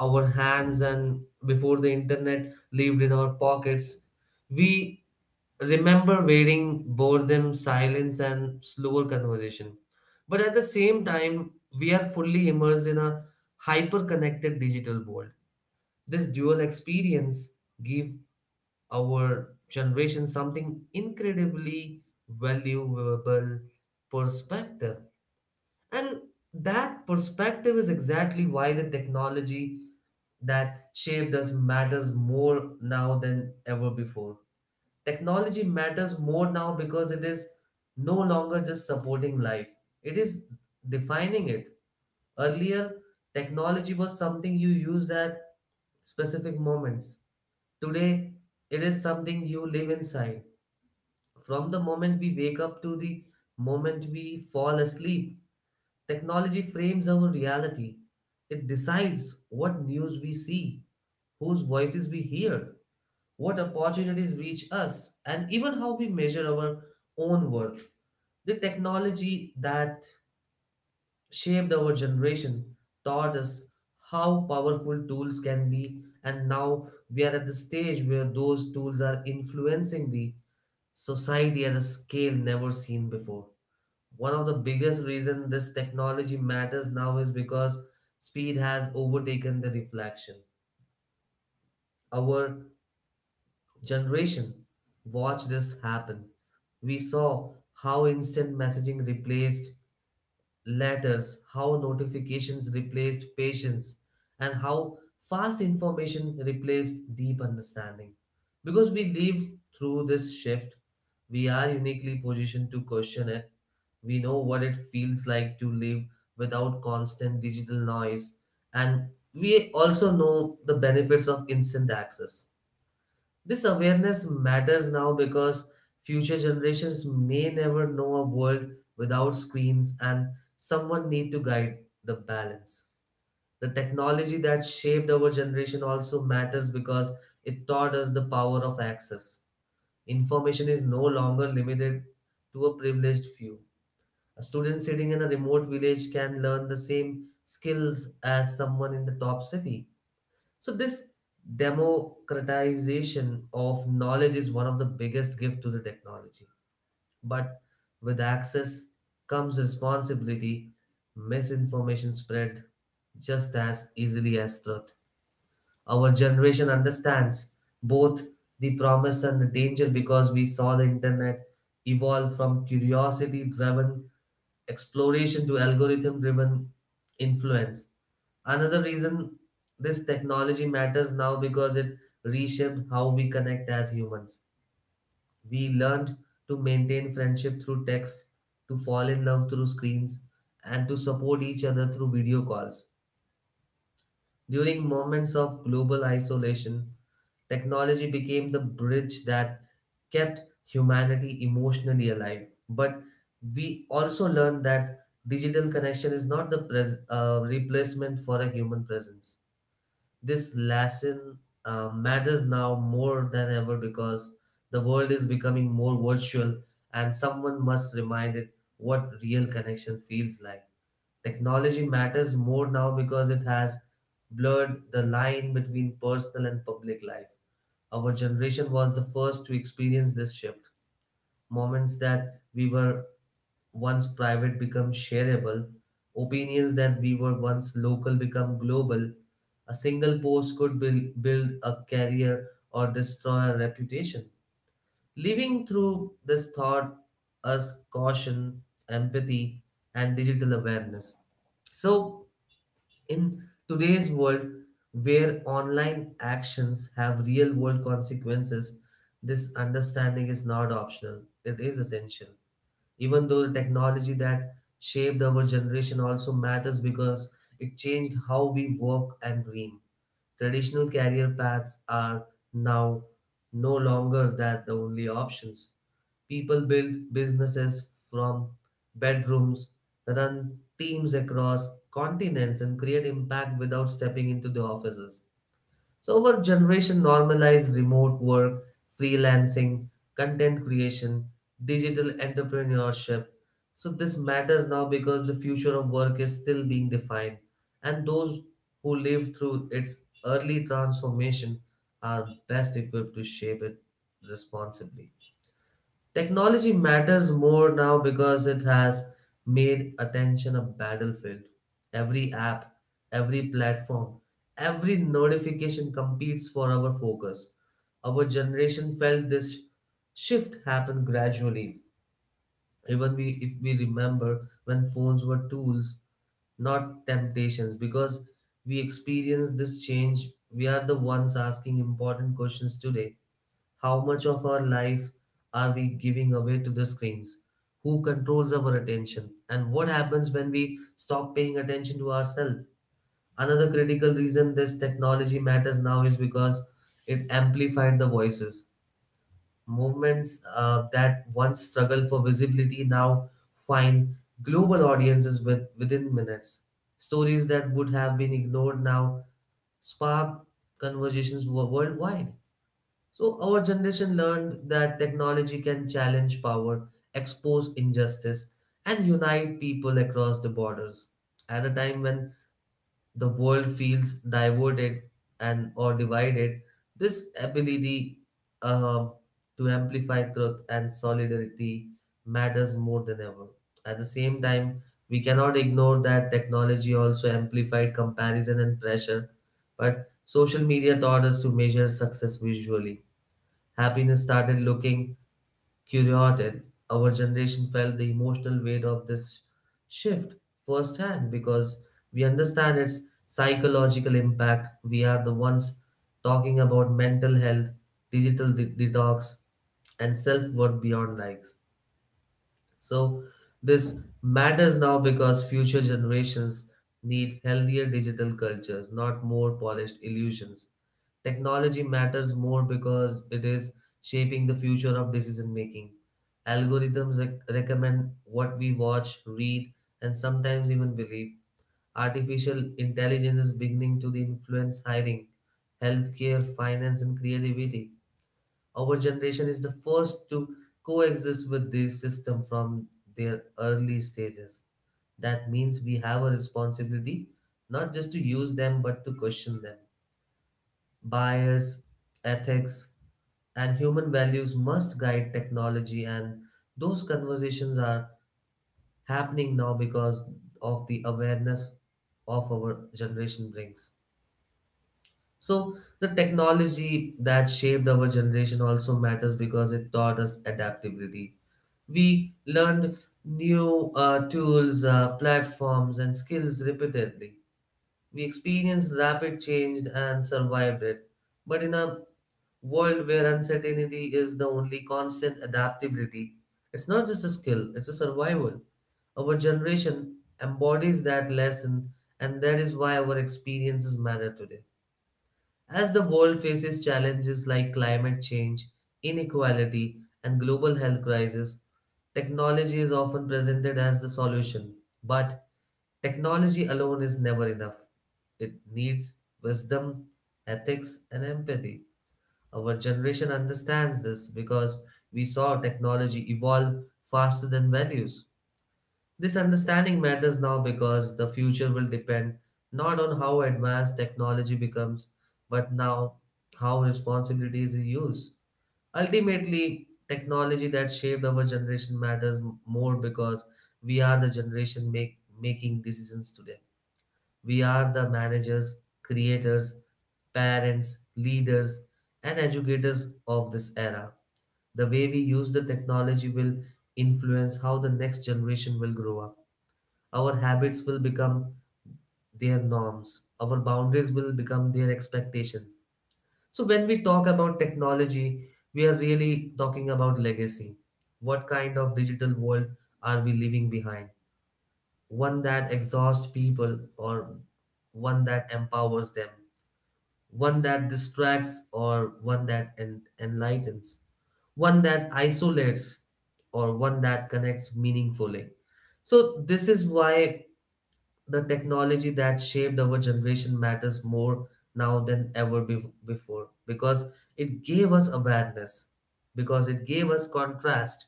our hands and before the internet lived in our pockets. We remember waiting, boredom, silence, and slower conversation. But at the same time, we are fully immersed in a hyper connected digital world. This dual experience give our generation something incredibly valuable perspective, and that perspective is exactly why the technology that shaped us matters more now than ever before. Technology matters more now because it is no longer just supporting life, it is defining it. Earlier, technology was something you used at specific moments. Today, it is something you live inside. From the moment we wake up to the moment we fall asleep, technology frames our reality. It decides what news we see, whose voices we hear, what opportunities reach us, and even how we measure our own worth. The technology that shaped our generation, taught us how powerful tools can be, and now we are at the stage where those tools are influencing the society at a scale never seen before. One of the biggest reasons this technology matters now is because speed has overtaken the reflection. Our generation watched this happen. We saw how instant messaging replaced letters, how notifications replaced patience, and how fast information replaced deep understanding. Because we lived through this shift, we are uniquely positioned to question it. We know what it feels like to live without constant digital noise, and we also know the benefits of instant access. This awareness matters now because future generations may never know a world without screens and someone need to guide the balance. The technology that shaped our generation also matters because it taught us the power of access. Information is no longer limited to a privileged few. A student sitting in a remote village can learn the same skills as someone in the top city, so this democratization of knowledge is one of the biggest gift to the technology. But with access comes responsibility. Misinformation spread just as easily as truth. Our generation understands both the promise and the danger because we saw the internet evolve from curiosity driven exploration to algorithm driven influence. Another reason this technology matters now because it reshaped how we connect as humans. We learned to maintain friendship through text, to fall in love through screens, and to support each other through video calls. During moments of global isolation, technology became the bridge that kept humanity emotionally alive. But we also learned that digital connection is not the pres- uh, replacement for a human presence. This lesson uh, matters now more than ever because the world is becoming more virtual and someone must remind it what real connection feels like. Technology matters more now because it has blurred the line between personal and public life. Our generation was the first to experience this shift. Moments that we were once private becomes shareable, opinions that we were once local become global. A single post could buil- build a career or destroy a reputation. Living through this thought us caution, empathy, and digital awareness. So, in today's world where online actions have real world consequences, this understanding is not optional, it is essential. Even though the technology that shaped our generation also matters because it changed how we work and dream. Traditional career paths are now no longer that the only options. People build businesses from bedrooms, run teams across continents, and create impact without stepping into the offices. So our generation normalized remote work, freelancing, content creation, digital entrepreneurship. So this matters now because the future of work is still being defined, and those who lived through its early transformation are best equipped to shape it responsibly. Technology matters more now because it has made attention a battlefield. Every app, every platform, every notification competes for our focus. Our generation felt this shift happen gradually. Even we, if we remember when phones were tools, not temptations, because we experience this change, we are the ones asking important questions today. How much of our life are we giving away to the screens? Who controls our attention? And what happens when we stop paying attention to ourselves? Another critical reason this technology matters now is because it amplified the voices. Movements uh, that once struggled for visibility now find global audiences with, within minutes. Stories that would have been ignored now spark conversations wo- worldwide. So, our generation learned that technology can challenge power, expose injustice, and unite people across the borders. At a time when the world feels diverted and or divided, this ability uh, to amplify truth and solidarity matters more than ever. At the same time, we cannot ignore that technology also amplified comparison and pressure, but social media taught us to measure success visually. Happiness started looking curated. Our generation felt the emotional weight of this shift firsthand because we understand its psychological impact. We are the ones talking about mental health, digital de- detox, and self worth beyond likes. So this matters now because future generations need healthier digital cultures, not more polished illusions. Technology matters more because it is shaping the future of decision making. Algorithms rec- recommend what we watch, read, and sometimes even believe. Artificial intelligence is beginning to influence hiring, healthcare, finance, and creativity. Our generation is the first to coexist with this system from their early stages. That means we have a responsibility not just to use them but to question them. Bias, ethics, and human values must guide technology, and those conversations are happening now because of the awareness of our generation brings. So the technology that shaped our generation also matters because it taught us adaptability. We learned new uh, tools, uh, platforms, and skills repeatedly. We experienced rapid change and survived it. But in a world where uncertainty is the only constant adaptability, it's not just a skill, it's a survival. Our generation embodies that lesson, and that is why our experiences matter today. As the world faces challenges like climate change, inequality, and global health crisis, technology is often presented as the solution. But technology alone is never enough. It needs wisdom, ethics, and empathy. Our generation understands this because we saw technology evolve faster than values. This understanding matters now because the future will depend not on how advanced technology becomes, but now how responsibility is used. Ultimately, technology that shaped our generation matters m- more because we are the generation make, making decisions today. We are the managers, creators, parents, leaders, and educators of this era. The way we use the technology will influence how the next generation will grow up. Our habits will become their norms. Our boundaries will become their expectation. So when we talk about technology, we are really talking about legacy. What kind of digital world are we leaving behind? One that exhausts people or one that empowers them, one that distracts or one that en- enlightens, one that isolates or one that connects meaningfully. So this is why the technology that shaped our generation matters more now than ever be- before, because it gave us awareness, because it gave us contrast,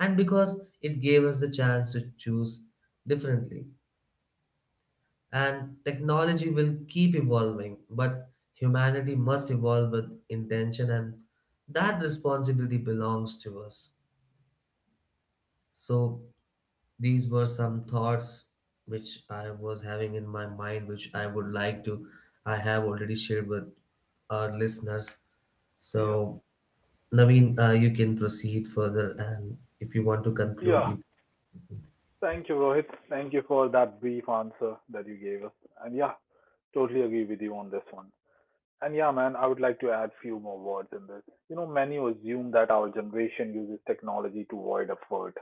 and because it gave us the chance to choose differently. And technology will keep evolving, but humanity must evolve with intention, and that responsibility belongs to us. So these were some thoughts which I was having in my mind, which I would like to, I have already shared with our listeners.
Yeah.
So Naveen, uh, you can proceed further, and if you want to conclude,
Yeah.
you
Thank you, Rohit. Thank you for that brief answer that you gave us. And yeah, totally agree with you on this one. And yeah, man, I would like to add few more words in this. You know, many assume that our generation uses technology to avoid effort.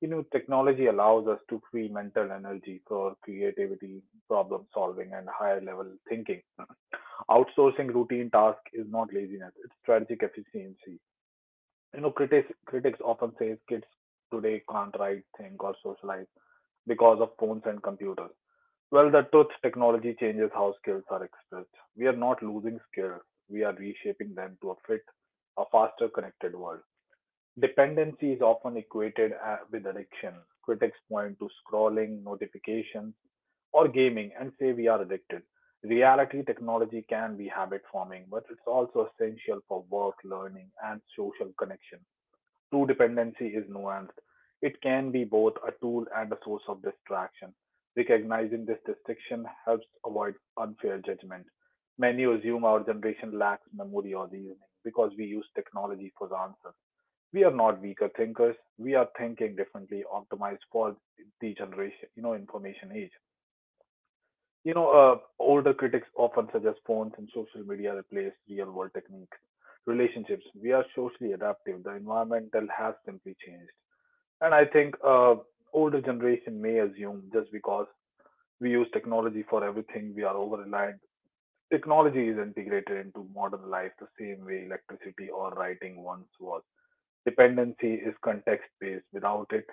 You know, technology allows us to free mental energy for creativity, problem solving, and higher level thinking. Outsourcing routine tasks is not laziness, it's strategic efficiency. You know, critics, critics often say kids today can't write, think, or socialize because of phones and computers. Well, the truth technology changes how skills are expressed. We are not losing skills, we are reshaping them to a fit, a faster connected world. Dependency is often equated uh, with addiction. Critics point to scrolling, notifications, or gaming and say we are addicted. Reality technology can be habit forming, but it's also essential for work, learning, and social connection. True dependency is nuanced; it can be both a tool and a source of distraction. Recognizing this distinction helps avoid unfair judgment. Many assume our generation lacks memory or reasoning because we use technology for the answers. We are not weaker thinkers. We are thinking differently, optimized for the generation, you know, information age. You know, uh, older critics often suggest phones and social media replace real world techniques relationships. We are socially adaptive. The environmental has simply changed. And I think uh, older generation may assume just because we use technology for everything, we are over reliant. Technology is integrated into modern life the same way electricity or writing once was. Dependency is context based. Without it,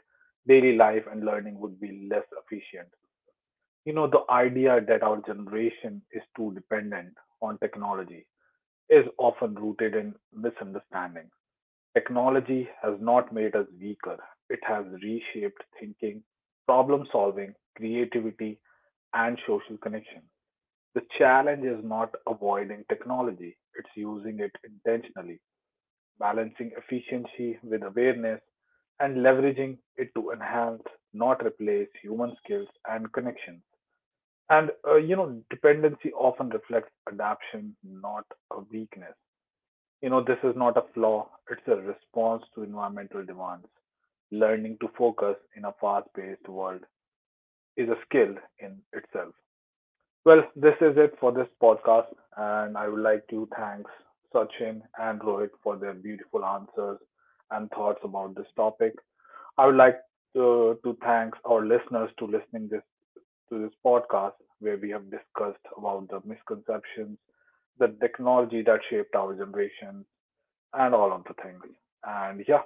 daily life and learning would be less efficient. You know, the idea that our generation is too dependent on technology is often rooted in misunderstanding. Technology has not made us weaker; it has reshaped thinking, problem-solving, creativity, and social connection. The challenge is not avoiding technology, it's using it intentionally, balancing efficiency with awareness, and leveraging it to enhance, not replace, human skills and connections. And uh, you know, dependency often reflects adaptation, not a weakness. You know, this is not a flaw, it's a response to environmental demands. Learning to focus in a fast paced world is a skill in itself. Well, this is it for this podcast, and I would like to thank Sachin and Rohit for their beautiful answers and thoughts about this topic. I would like to, to thank our listeners to listening this to this podcast where we have discussed about the misconceptions, the technology that shaped our generation, and all of the things. And yeah,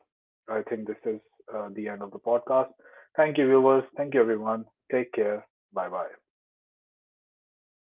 I think this is uh, the end of the podcast. Thank you, viewers. Thank you, everyone. Take care. Bye bye.